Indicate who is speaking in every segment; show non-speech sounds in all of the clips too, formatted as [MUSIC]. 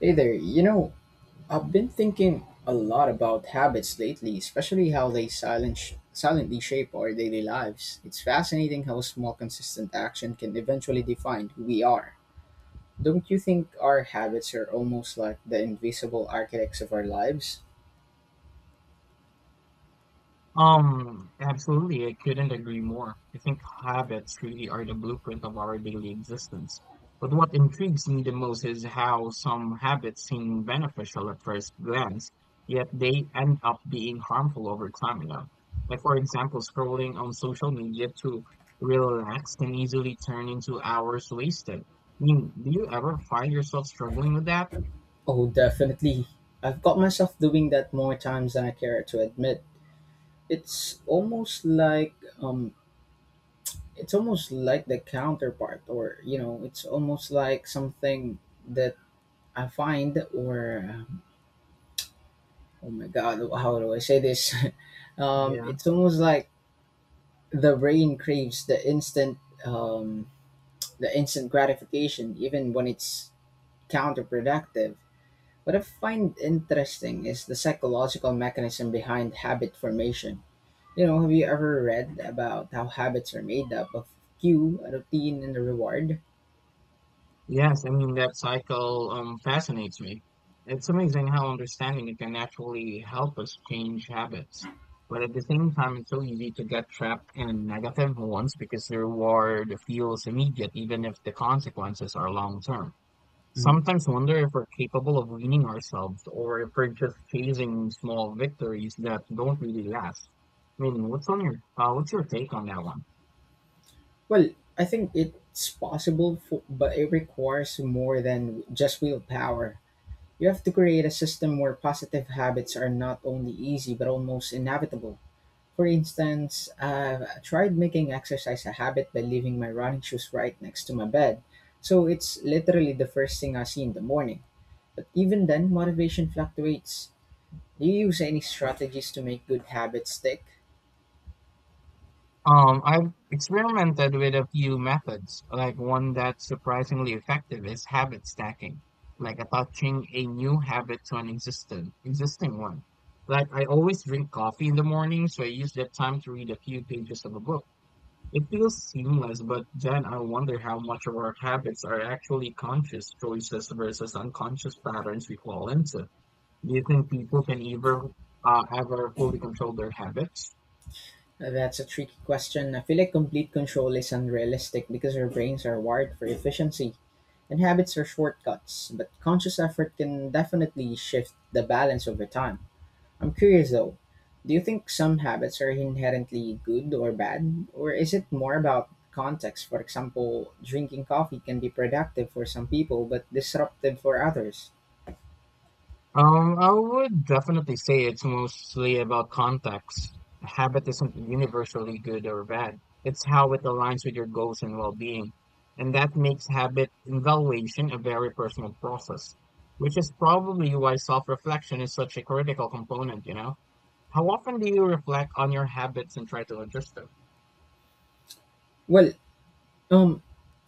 Speaker 1: Hey there, I've been thinking a lot about habits lately, especially how they silently shape our daily lives. It's fascinating how small, consistent action can eventually define who we are. Don't you think our habits are almost like the invisible architects of our lives?
Speaker 2: Absolutely, I couldn't agree more. I think habits really are the blueprint of our daily existence. But what intrigues me the most is how some habits seem beneficial at first glance, yet they end up being harmful over time. Like, for example, scrolling on social media to relax can easily turn into hours wasted. I mean, do you ever find yourself struggling with that?
Speaker 1: Oh, definitely. I've got myself doing that more times than I care to admit. It's almost like um it's almost like the counterpart or it's almost like something that I find, or oh my god, how do I say this? [LAUGHS]
Speaker 2: Yeah.
Speaker 1: It's almost like the brain craves um, the instant gratification, even when it's counterproductive. What I find interesting is the psychological mechanism behind habit formation. You know, have you ever read about how habits are made up of cue, a routine, and a reward?
Speaker 2: Yes, I mean that cycle fascinates me. It's amazing how understanding it can actually help us change habits. But at the same time, it's so easy to get trapped in negative ones because the reward feels immediate, even if the consequences are long term.
Speaker 1: Mhm.
Speaker 2: Sometimes wonder if we're capable of weaning ourselves or if we're just chasing small victories that don't really last. I mean, what's on your what's your take on that one?
Speaker 1: Well, I think it's possible, for, but it requires more than just willpower. You have to create a system where positive habits are not only easy but almost inevitable. For instance, I've tried making exercise a habit by leaving my running shoes right next to my bed. So it's literally the first thing I see in the morning. But even then, motivation fluctuates. Do you use any strategies to make good habits stick?
Speaker 2: I've experimented with a few methods, like one that's surprisingly effective is habit stacking, like attaching a new habit to an existing one. Like I always drink coffee in the morning, so I use that time to read a few pages of a book. It feels seamless, but then I wonder how much of our habits are actually conscious choices versus unconscious patterns we fall into. Do you think people can ever ever fully control their habits?
Speaker 1: That's a tricky question. I feel like complete control is unrealistic because our brains are wired for efficiency and habits are shortcuts, but conscious effort can definitely shift the balance over time. I'm curious though, do you think some habits are inherently good or bad, or is it more about context? For example, drinking coffee can be productive for some people but disruptive for others.
Speaker 2: I would definitely say it's mostly about context. A habit isn't universally good or bad. It's how it aligns with your goals and well-being. And that makes habit evaluation a very personal process, which is probably why self-reflection is such a critical component, you know? How often do you reflect on your habits and try to adjust them?
Speaker 1: Well, um,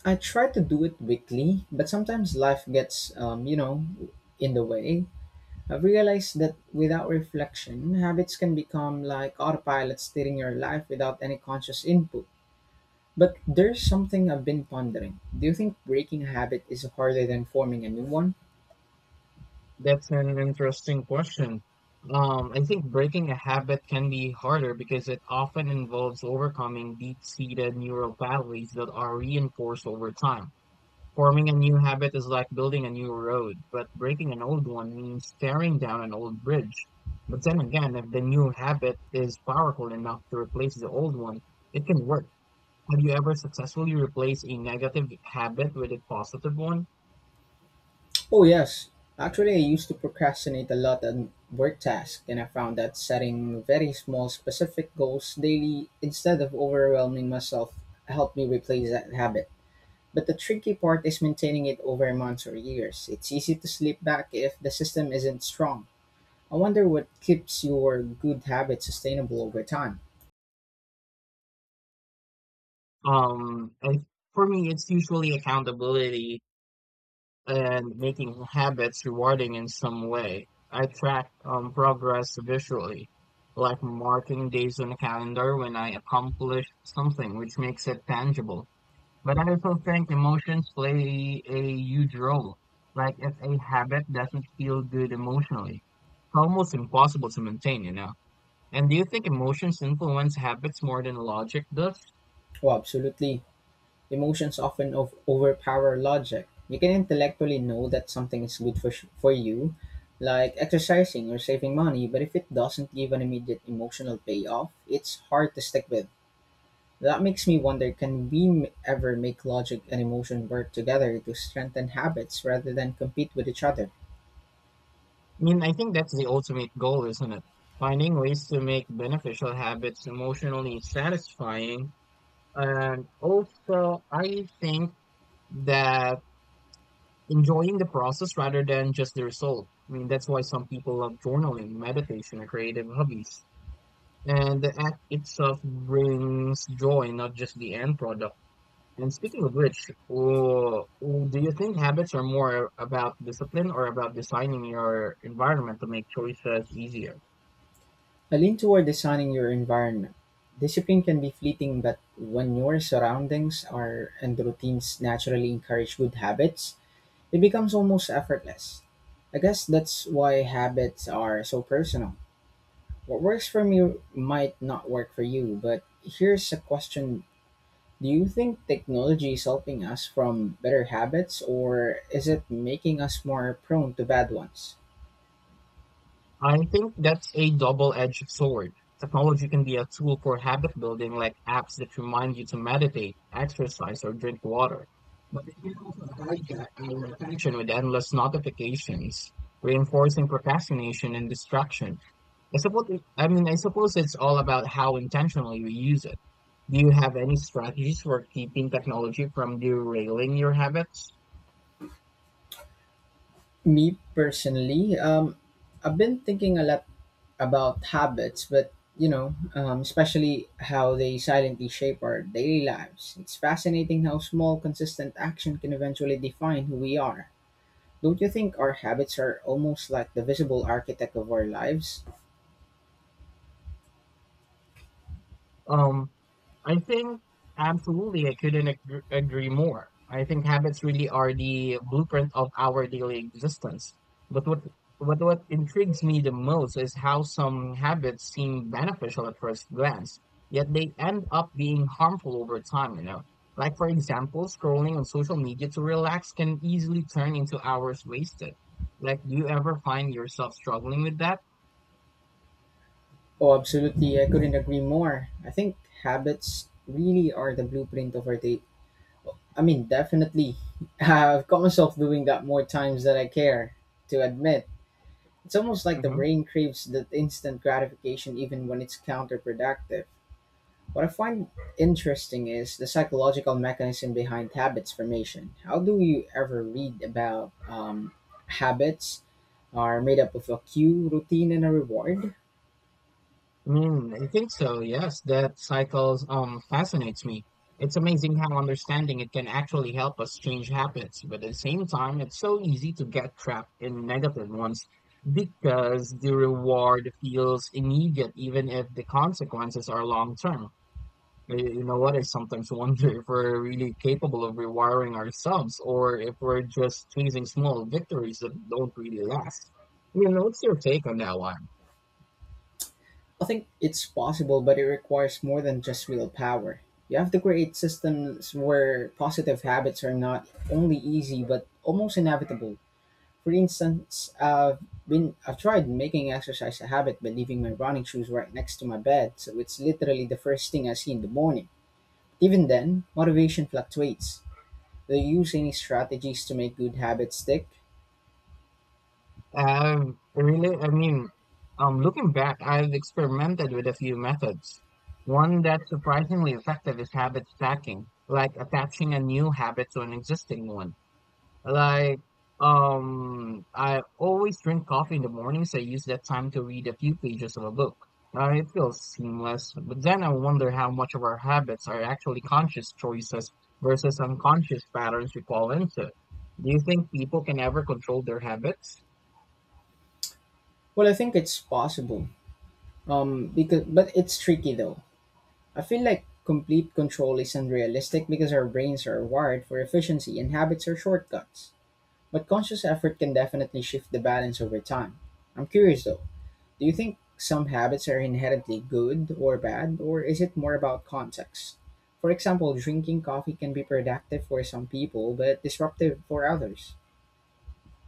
Speaker 1: I try to do it weekly, but sometimes life gets, in the way. I've realized that without reflection, habits can become like autopilot steering your life without any conscious input. But there's something I've been pondering. Do you think breaking a habit is harder than forming a new one?
Speaker 2: That's an interesting question. I think breaking a habit can be harder because it often involves overcoming deep-seated neural pathways that are reinforced over time. Forming a new habit is like building a new road, but breaking an old one means tearing down an old bridge. But then again, if the new habit is powerful enough to replace the old one, it can work. Have you ever successfully replaced a negative habit with a positive one?
Speaker 1: Oh, yes. Actually, I used to procrastinate a lot on work tasks, and I found that setting very small, specific goals daily instead of overwhelming myself helped me replace that habit. But the tricky part is maintaining it over months or years. It's easy to slip back if the system isn't strong. I wonder what keeps your good habits sustainable over time.
Speaker 2: And for me, it's usually accountability and making habits rewarding in some way. I track progress visually, like marking days on the calendar when I accomplish something, which makes it tangible. But I also think emotions play a huge role. Like if a habit doesn't feel good emotionally, it's almost impossible to maintain, you know? And do you think emotions influence habits more than logic does?
Speaker 1: Oh, absolutely. Emotions often overpower logic. You can intellectually know that something is good for you, like exercising or saving money, but if it doesn't give an immediate emotional payoff, it's hard to stick with. That makes me wonder, can we ever make logic and emotion work together to strengthen habits rather than compete with each other?
Speaker 2: I mean, I think that's the ultimate goal, isn't it? Finding ways to make beneficial habits emotionally satisfying. And also, I think that enjoying the process rather than just the result. I mean, that's why some people love journaling, meditation, or creative hobbies. And the act itself brings joy, not just the end product. And speaking of which, oh, oh, do you think habits are more about discipline or about designing your environment to make choices easier?
Speaker 1: I lean toward designing your environment. Discipline can be fleeting, but when your surroundings are and routines naturally encourage good habits, it becomes almost effortless. I guess that's why habits are so personal. What works for me might not work for you, but here's a question. Do you think technology is helping us from better habits or is it making us more prone to bad ones?
Speaker 2: I think that's a double-edged sword. Technology can be a tool for habit building, like apps that remind you to meditate, exercise, or drink water. But it can also hijack our attention with endless notifications, reinforcing procrastination and distraction. I suppose, I suppose it's all about how intentionally we use it. Do you have any strategies for keeping technology from derailing your habits?
Speaker 1: Me personally, I've been thinking a lot about habits, but especially how they silently shape our daily lives. It's fascinating how small, consistent action can eventually define who we are. Don't you think our habits are almost like the visible architect of our lives?
Speaker 2: Um, I think absolutely, I couldn't agree more. I think habits really are the blueprint of our daily existence. But what intrigues me the most is how some habits seem beneficial at first glance, yet they end up being harmful over time. Like for example, scrolling on social media to relax can easily turn into hours wasted. Like, do you ever find yourself struggling with that?
Speaker 1: Oh, absolutely. I couldn't agree more. I think habits really are the blueprint of our day. I mean, definitely. [LAUGHS] I've caught myself doing that more times than I care to admit. It's almost like the brain craves that instant gratification even when it's counterproductive. What I find interesting is the psychological mechanism behind habits formation. How do you ever read about habits are made up of a cue, routine, and a reward?
Speaker 2: Mm, I think so. Yes, that cycles fascinates me. It's amazing how understanding it can actually help us change habits, but at the same time, it's so easy to get trapped in negative ones because the reward feels immediate, even if the consequences are long term. You know what? I sometimes [LAUGHS] wonder if we're really capable of rewiring ourselves, or if we're just chasing small victories that don't really last. You know, what's your take on that one?
Speaker 1: I think it's possible, but it requires more than just willpower. You have to create systems where positive habits are not only easy but almost inevitable. For instance, I've tried making exercise a habit by leaving my running shoes right next to my bed, so it's literally the first thing I see in the morning. Even then, motivation fluctuates. Do you use any strategies to make good habits stick?
Speaker 2: I've really, I mean, Looking back, I've experimented with a few methods. One that's surprisingly effective is habit stacking, like attaching a new habit to an existing one. Like, I always drink coffee in the morning, so I use that time to read a few pages of a book. It feels seamless, but then I wonder how much of our habits are actually conscious choices versus unconscious patterns we fall into. Do you think people can ever control their habits?
Speaker 1: Well, I think it's possible. Because But it's tricky though. I feel like complete control isn't realistic because our brains are wired for efficiency and habits are shortcuts. But conscious effort can definitely shift the balance over time. I'm curious though. Do you think some habits are inherently good or bad, or is it more about context? For example, drinking coffee can be productive for some people but disruptive for others.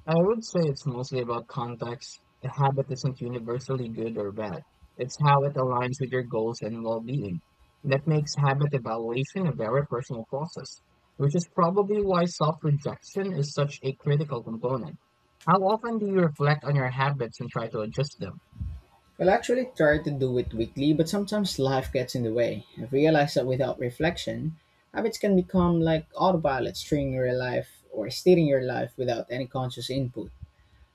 Speaker 2: I would say it's mostly about context. A habit isn't universally good or bad. It's how it aligns with your goals and well-being. That makes habit evaluation a very personal process, which is probably why self-rejection is such a critical component. How often do you reflect on your habits and try to adjust them?
Speaker 1: Well, I actually try to do it weekly, but sometimes life gets in the way. I've realized that without reflection, habits can become like autopilot steering your life without any conscious input.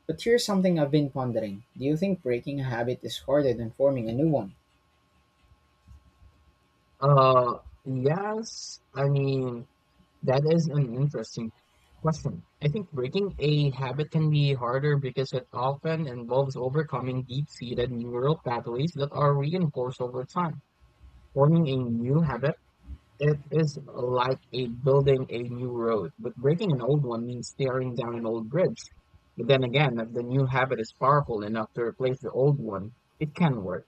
Speaker 1: But here's something I've been pondering. Do you think breaking a habit is harder than forming a new one?
Speaker 2: Uh, yes. That is an interesting question. I think breaking a habit can be harder because it often involves overcoming deep-seated neural pathways that are reinforced over time. Forming a new habit it is like a building a new road, but breaking an old one means tearing down an old bridge. But then again, if the new habit is powerful enough to replace the old one, it can work.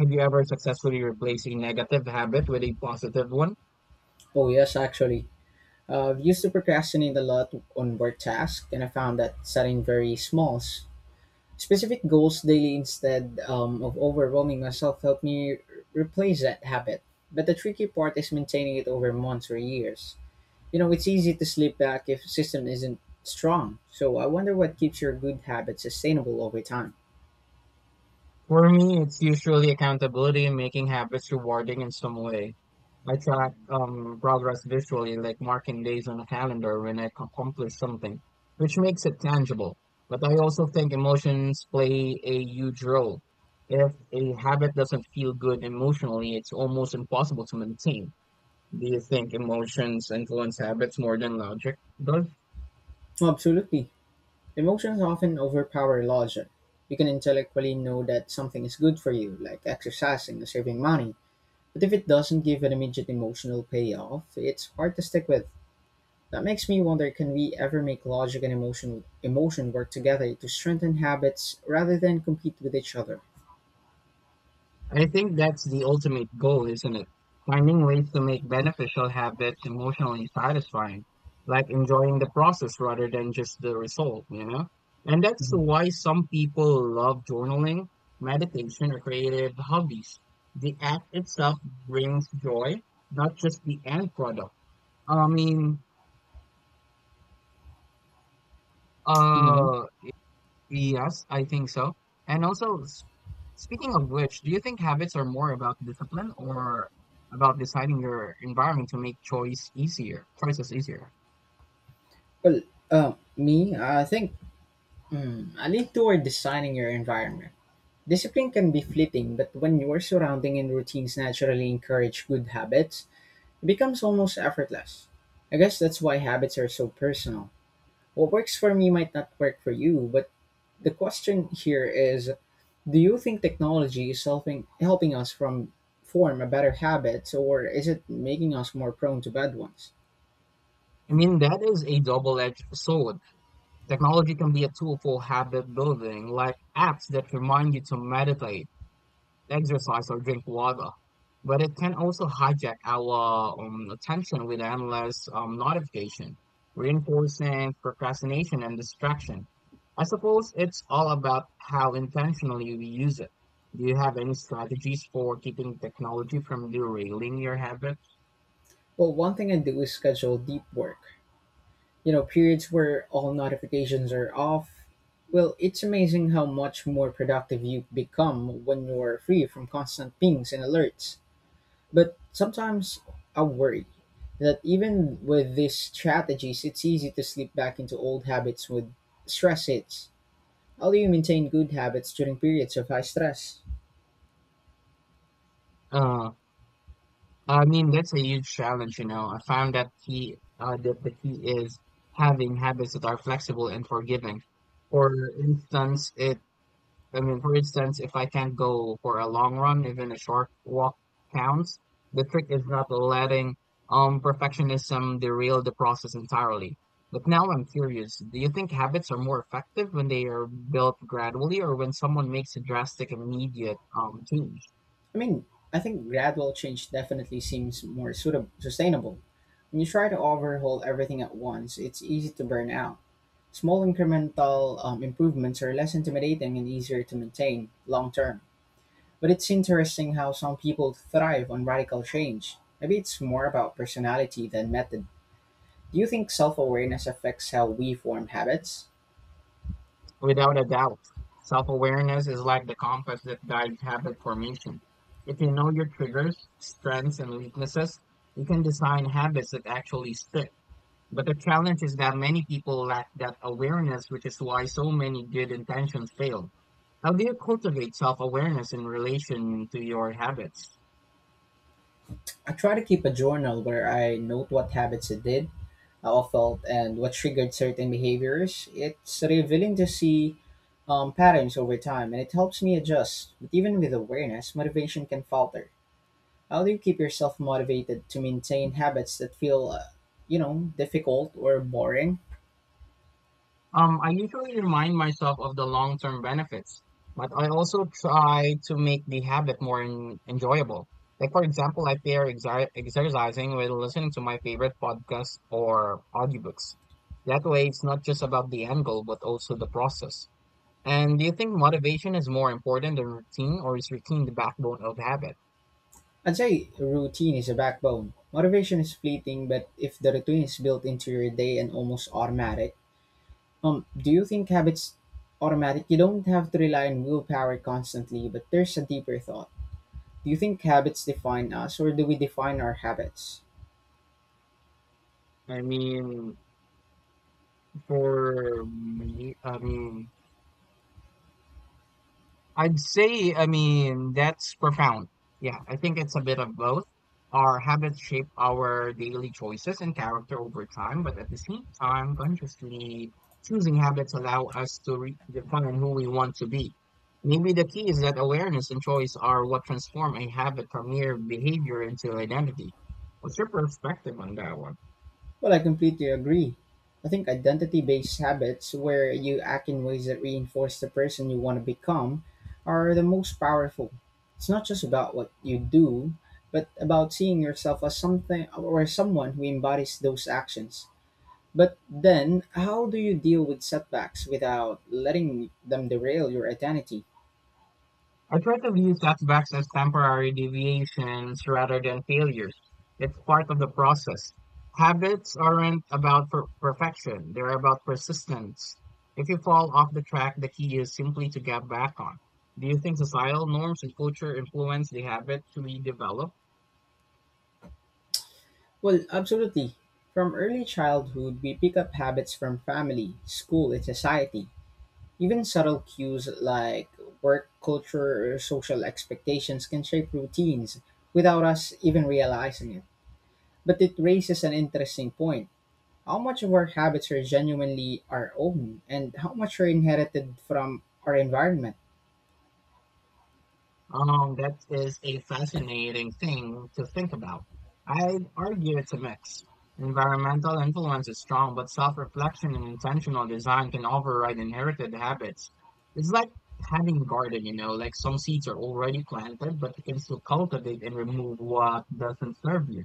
Speaker 2: Have you ever successfully replaced a negative habit with a positive one?
Speaker 1: Oh, yes, actually. I've used to procrastinate a lot on work tasks, and I found that setting very small, specific goals daily instead of overwhelming myself helped me replace that habit. But the tricky part is maintaining it over months or years. You know, it's easy to slip back if system isn't strong. So I wonder what keeps your good habits sustainable over time.
Speaker 2: For me, it's usually accountability and making habits rewarding in some way. I track progress visually, like marking days on a calendar when I accomplish something, which makes it tangible. But I also think emotions play a huge role. If a habit doesn't feel good emotionally, it's almost impossible to maintain. Do you think emotions influence habits more than logic does?
Speaker 1: Oh, absolutely. Emotions often overpower logic. You can intellectually know that something is good for you, like exercising or saving money, but if it doesn't give an immediate emotional payoff, it's hard to stick with. That makes me wonder, can we ever make logic and emotion work together to strengthen habits rather than compete with each other?
Speaker 2: I think that's the ultimate goal, isn't it? Finding ways to make beneficial habits emotionally satisfying, like enjoying the process rather than just the result, you know? And that's why some people love journaling, meditation, or creative hobbies. The act itself brings joy, not just the end product. I mean,
Speaker 1: Hmm.
Speaker 2: uh, Yes, I think so. And also, speaking of which, do you think habits are more about discipline or about deciding your environment to make choices easier?
Speaker 1: Well, me, I think I lean toward designing your environment. Discipline can be fleeting, but when your surrounding and routines naturally encourage good habits, it becomes almost effortless. I guess that's why habits are so personal. What works for me might not work for you, but the question here is, do you think technology is helping us from form a better habits or is it making us more prone to bad ones?
Speaker 2: I mean, that is a double-edged sword. Technology can be a tool for habit building, like apps that remind you to meditate, exercise or drink water. But it can also hijack our attention with endless notification, reinforcing procrastination and distraction. I suppose it's all about how intentionally we use it. Do you have any strategies for keeping technology from derailing your habit?
Speaker 1: Well, one thing I do is schedule deep work. You know, periods where all notifications are off. Well, it's amazing how much more productive you become when you're free from constant pings and alerts. But sometimes I worry that even with these strategies, it's easy to slip back into old habits with stress hits. How do you maintain good habits during periods of high stress?
Speaker 2: Uh, that's a huge challenge, you know. I found that key, That the key is having habits that are flexible and forgiving. For instance, it for instance, if I can't go for a long run, even a short walk counts. The trick is not letting perfectionism derail the process entirely. But now I'm curious, do you think habits are more effective when they are built gradually or when someone makes a drastic immediate change?
Speaker 1: I mean, I think gradual change definitely seems more suitable, sustainable. When you try to overhaul everything at once, it's easy to burn out. Small incremental improvements are less intimidating and easier to maintain long term. But it's interesting how some people thrive on radical change. Maybe it's more about personality than method. Do you think self awareness affects how we form habits?
Speaker 2: Without a doubt, self-awareness is like the compass that guides habit formation. If you know your triggers, strengths, and weaknesses, you can design habits that actually stick. But the challenge is that many people lack that awareness, which is why so many good intentions fail. How do you cultivate self-awareness in relation to your habits?
Speaker 1: I try to keep a journal where I note what habits I did, how I felt, and what triggered certain behaviors. It's revealing to see patterns over time, and it helps me adjust. But even with awareness, motivation can falter. How do you keep yourself motivated to maintain habits that feel, difficult or boring?
Speaker 2: I usually remind myself of the long-term benefits, but I also try to make the habit more enjoyable. Like for example, I pair exercising with listening to my favorite podcasts or audiobooks. That way, it's not just about the end goal, but also the process. And do you think motivation is more important than routine, or is routine the backbone of habit?
Speaker 1: I'd say routine is a backbone. Motivation is fleeting, but if the routine is built into your day and almost automatic, do you think habits automatic? You don't have to rely on willpower constantly, but there's a deeper thought. Do you think habits define us, or do we define our habits?
Speaker 2: I mean, for me, I mean, I'd say, I mean, That's profound. Yeah, I think it's a bit of both. Our habits shape our daily choices and character over time, but at the same time, consciously choosing habits allow us to define who we want to be. Maybe the key is that awareness and choice are what transform a habit from mere behavior into identity. What's your perspective on that one?
Speaker 1: Well, I completely agree. I think identity based habits, where you act in ways that reinforce the person you want to become, are the most powerful. It's not just about what you do, but about seeing yourself as something or someone who embodies those actions. But then, how do you deal with setbacks without letting them derail your identity?
Speaker 2: I try to view setbacks as temporary deviations rather than failures. It's part of the process. Habits aren't about perfection, they're about persistence. If you fall off the track, the key is simply to get back on. Do you think societal norms and culture influence the habits we develop?
Speaker 1: Well, absolutely. From early childhood, we pick up habits from family, school, and society. Even subtle cues like work culture or social expectations can shape routines without us even realizing it. But it raises an interesting point. How much of our habits are genuinely our own, and how much are inherited from our environment?
Speaker 2: That is a fascinating thing to think about. I'd argue it's a mix. Environmental influence is strong, but self-reflection and intentional design can override inherited habits. It's like having a garden, you know, like some seeds are already planted, but you can still cultivate and remove what doesn't serve you.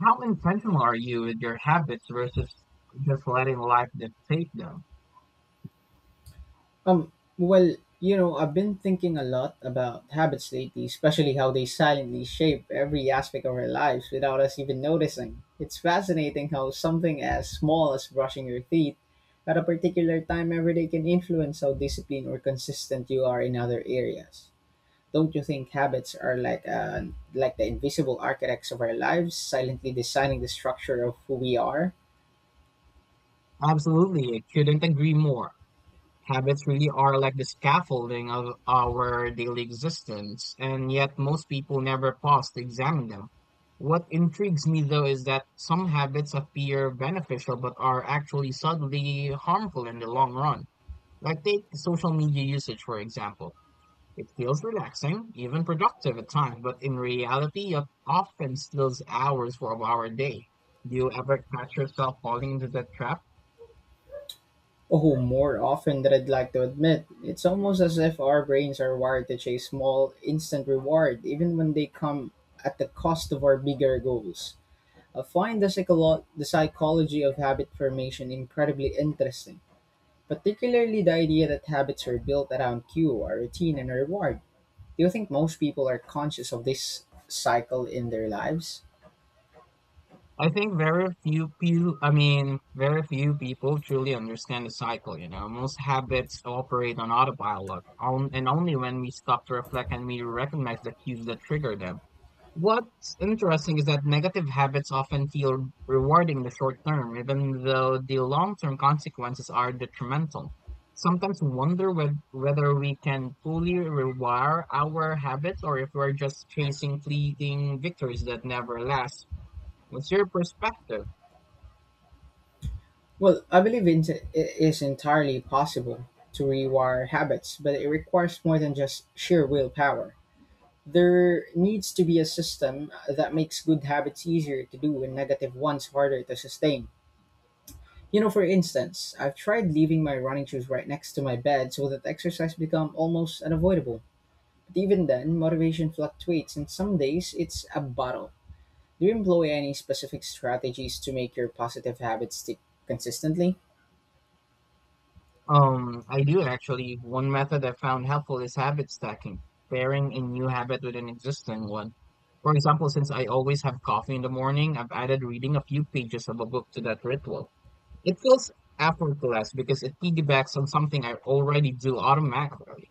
Speaker 2: How intentional are you with your habits versus just letting life dictate them?
Speaker 1: Um, well, you know, I've been thinking a lot about habits lately, especially how they silently shape every aspect of our lives without us even noticing. It's fascinating how something as small as brushing your teeth at a particular time every day can influence how disciplined or consistent you are in other areas. Don't you think habits are like the invisible architects of our lives, silently designing the structure of who we are?
Speaker 2: Absolutely, I couldn't agree more. Habits really are like the scaffolding of our daily existence, and yet most people never pause to examine them. What intrigues me though is that some habits appear beneficial but are actually subtly harmful in the long run. Like take social media usage, for example. It feels relaxing, even productive at times, but in reality, it often steals hours from our day. Do you ever catch yourself falling into that trap?
Speaker 1: Oh, more often than I'd like to admit. It's almost as if our brains are wired to chase small, instant reward, even when they come at the cost of our bigger goals. I find the psychology of habit formation incredibly interesting, particularly the idea that habits are built around cue, our routine, and reward. Do you think most people are conscious of this cycle in their lives?
Speaker 2: I think very few people, I mean, very few people truly understand the cycle, you know. Most habits operate on autopilot, on, and only when we stop to reflect and we recognize the cues that trigger them. What's interesting is that negative habits often feel rewarding in the short term, even though the long-term consequences are detrimental. Sometimes wonder whether we can fully rewire our habits or if we're just chasing fleeting victories that never last. What's your perspective?
Speaker 1: Well, I believe it is entirely possible to rewire habits, but it requires more than just sheer willpower. There needs to be a system that makes good habits easier to do and negative ones harder to sustain. You know, for instance, I've tried leaving my running shoes right next to my bed so that exercise become almost unavoidable. But even then, motivation fluctuates, and some days it's a battle. Do you employ any specific strategies to make your positive habits stick consistently?
Speaker 2: I do actually. One method I found helpful is habit stacking, pairing a new habit with an existing one. For example, since I always have coffee in the morning, I've added reading a few pages of a book to that ritual. It feels effortless because it piggybacks on something I already do automatically.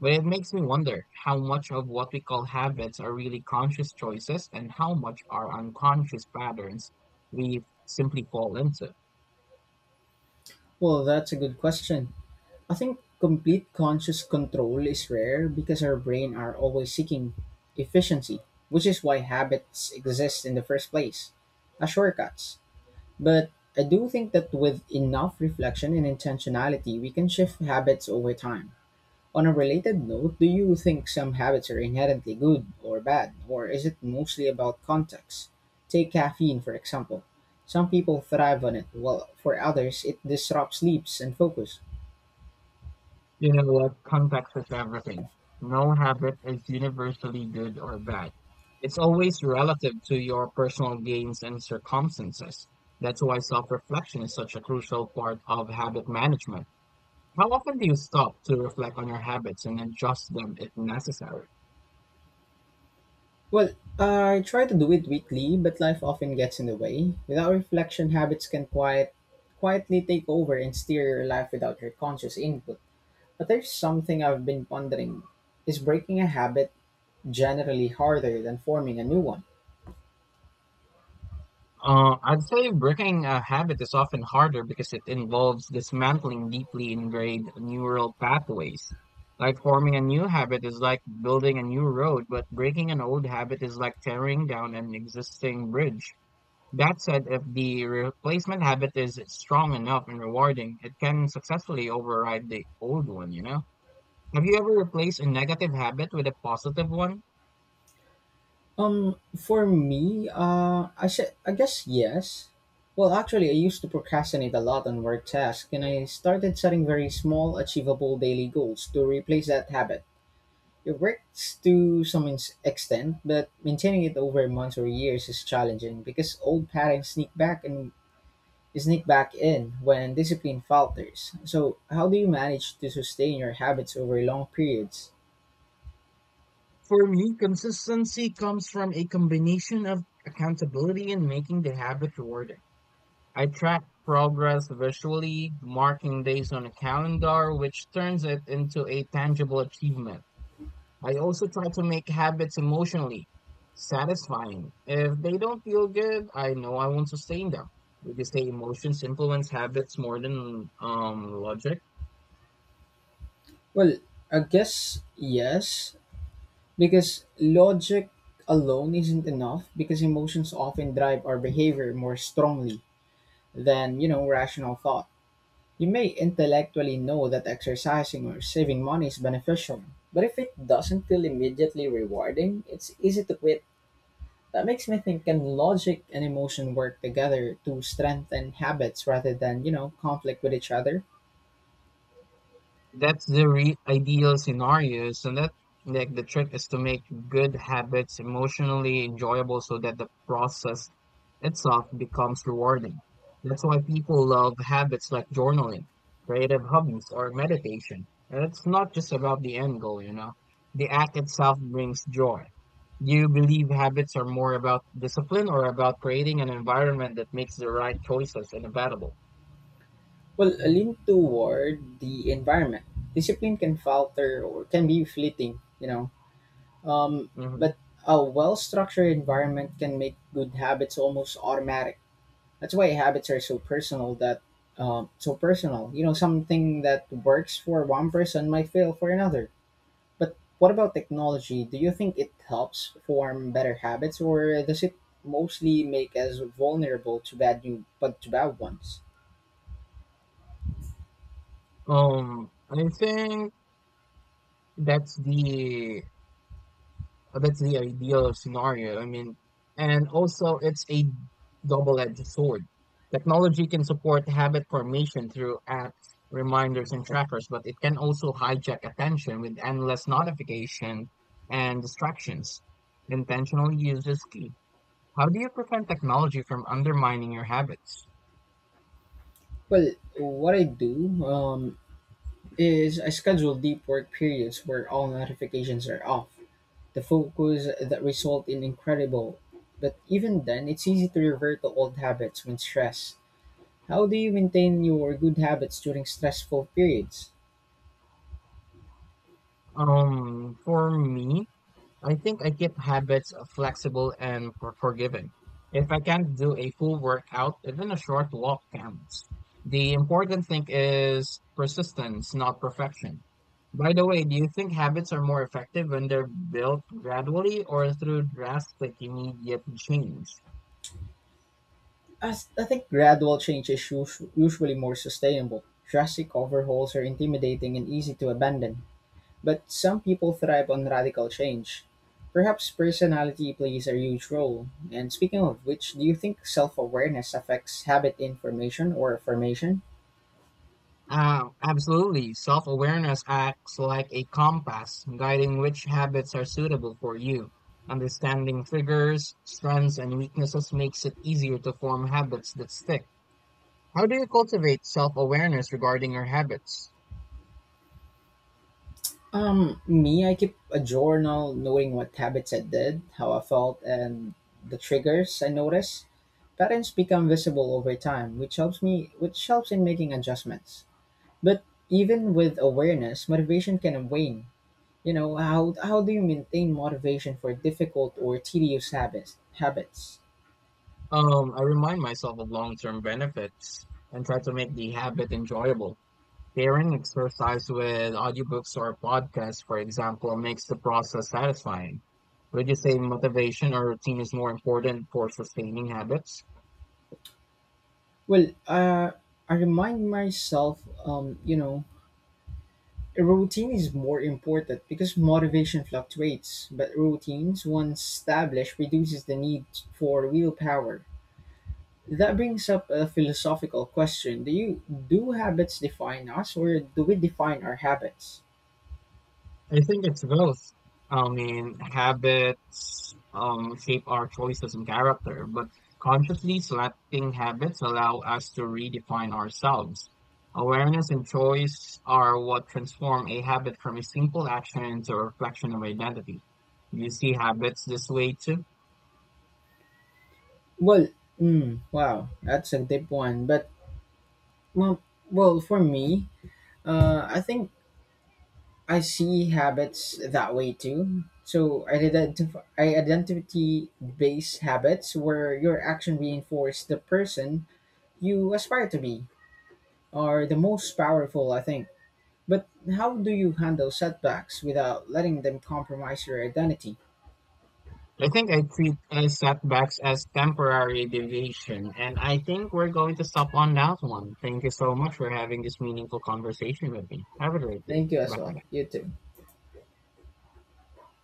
Speaker 2: But it makes me wonder how much of what we call habits are really conscious choices and how much are unconscious patterns we simply fall into.
Speaker 1: Well, that's a good question. I think complete conscious control is rare because our brain are always seeking efficiency, which is why habits exist in the first place, as shortcuts. But I do think that with enough reflection and intentionality, we can shift habits over time. On a related note, do you think some habits are inherently good or bad, or is it mostly about context? Take caffeine, for example. Some people thrive on it, while for others, it disrupts sleeps and focus.
Speaker 2: You know what? Context is everything. No habit is universally good or bad. It's always relative to your personal gains and circumstances. That's why self-reflection is such a crucial part of habit management. How often do you stop to reflect on your habits and adjust them if necessary?
Speaker 1: Well, I try to do it weekly, but life often gets in the way. Without reflection, quietly take over and steer your life without your conscious input. But there's something I've been pondering. Is breaking a habit generally harder than forming a new one?
Speaker 2: I'd say breaking a habit is often harder because it involves dismantling deeply ingrained neural pathways. Like forming a new habit is like building a new road, but breaking an old habit is like tearing down an existing bridge. That said, if the replacement habit is strong enough and rewarding, it can successfully override the old one, you know? Have you ever replaced a negative habit with a positive one?
Speaker 1: For me, I guess yes. Well, actually, I used to procrastinate a lot on work tasks, and I started setting very small, achievable daily goals to replace that habit. It works to some extent, but maintaining it over months or years is challenging because old patterns sneak back and sneak back in when discipline falters. So, how do you manage to sustain your habits over long periods?
Speaker 2: For me, consistency comes from a combination of accountability and making the habit rewarding. I track progress visually, marking days on a calendar, which turns it into a tangible achievement. I also try to make habits emotionally satisfying. If they don't feel good, I know I won't sustain them. Would you say emotions influence habits more than logic?
Speaker 1: Well, I guess yes, because logic alone isn't enough because emotions often drive our behavior more strongly than, you know, rational thought. You may intellectually know that exercising or saving money is beneficial, but if it doesn't feel immediately rewarding, it's easy to quit. That makes me think, can logic and emotion work together to strengthen habits rather than, you know, conflict with each other?
Speaker 2: That's the re ideal scenario, is that like the trick is to make good habits emotionally enjoyable so that the process itself becomes rewarding. That's why people love habits like journaling, creative hobbies, or meditation. And it's not just about the end goal, you know. The act itself brings joy. Do you believe habits are more about discipline or about creating an environment that makes the right choices and available?
Speaker 1: Well, a lean toward the environment. Discipline can falter or can be fleeting, you know. Um,
Speaker 2: hmm
Speaker 1: but a well structured environment can make good habits almost automatic. That's why habits are so personal. You know, something that works for one person might fail for another. But what about technology? Do you think it helps form better habits, or does it mostly make us vulnerable to bad new but to bad ones?
Speaker 2: I think that's the that's the ideal scenario. I mean, and also it's a double-edged sword. Technology can support habit formation through apps, reminders, and trackers, but it can also hijack attention with endless notification and distractions. Intentional use is key. How do you prevent technology from undermining your habits?
Speaker 1: Well, what I do is I schedule deep work periods where all notifications are off. The focus that result in incredible. But even then, it's easy to revert to old habits when stressed. How do you maintain your good habits during stressful periods?
Speaker 2: For me, I think I keep habits flexible and forgiving. If I can't do a full workout, even a short walk counts. The important thing is persistence, not perfection. By the way, do you think habits are more effective when they're built gradually or through drastic immediate change?
Speaker 1: As I think gradual change is usually more sustainable. Drastic overhauls are intimidating and easy to abandon, but some people thrive on radical change. Perhaps personality plays a huge role. And speaking of which, do you think self-awareness affects habit information or formation?
Speaker 2: Absolutely. Self-awareness acts like a compass, guiding which habits are suitable for you. Understanding triggers, strengths, and weaknesses makes it easier to form habits that stick. How do you cultivate self-awareness regarding your habits?
Speaker 1: Me, I keep a journal, knowing what habits I did, how I felt, and the triggers I noticed. Patterns become visible over time, which helps in making adjustments. But even with awareness, motivation can wane. You know, how do you maintain motivation for difficult or tedious habits?
Speaker 2: I remind myself of long-term benefits and try to make the habit enjoyable. Pairing exercise with audiobooks or podcasts, for example, makes the process satisfying. Would you say motivation or routine is more important for sustaining habits?
Speaker 1: Well, I remind myself you know, a routine is more important because motivation fluctuates, but routines once established reduces the need for willpower. That brings up a philosophical question. Do habits define us or do we define our habits?
Speaker 2: I think it's both. I mean, habits shape our choices and character, but consciously selecting habits allow us to redefine ourselves. Awareness and choice are what transform a habit from a simple action into a reflection of identity. Do you see habits this way too?
Speaker 1: Well, wow, that's a deep one. But well, well for me, I think I see habits that way too. So I identity based habits where your action reinforce the person you aspire to be are the most powerful I think. But how do you handle setbacks without letting them compromise your identity?
Speaker 2: I think I treat setbacks as temporary deviation, and I think we're going to stop on that one. Thank you so much for having this meaningful conversation with me. Have a great day.
Speaker 1: Thank you as
Speaker 2: Bye for
Speaker 1: well.
Speaker 2: now.
Speaker 1: You too.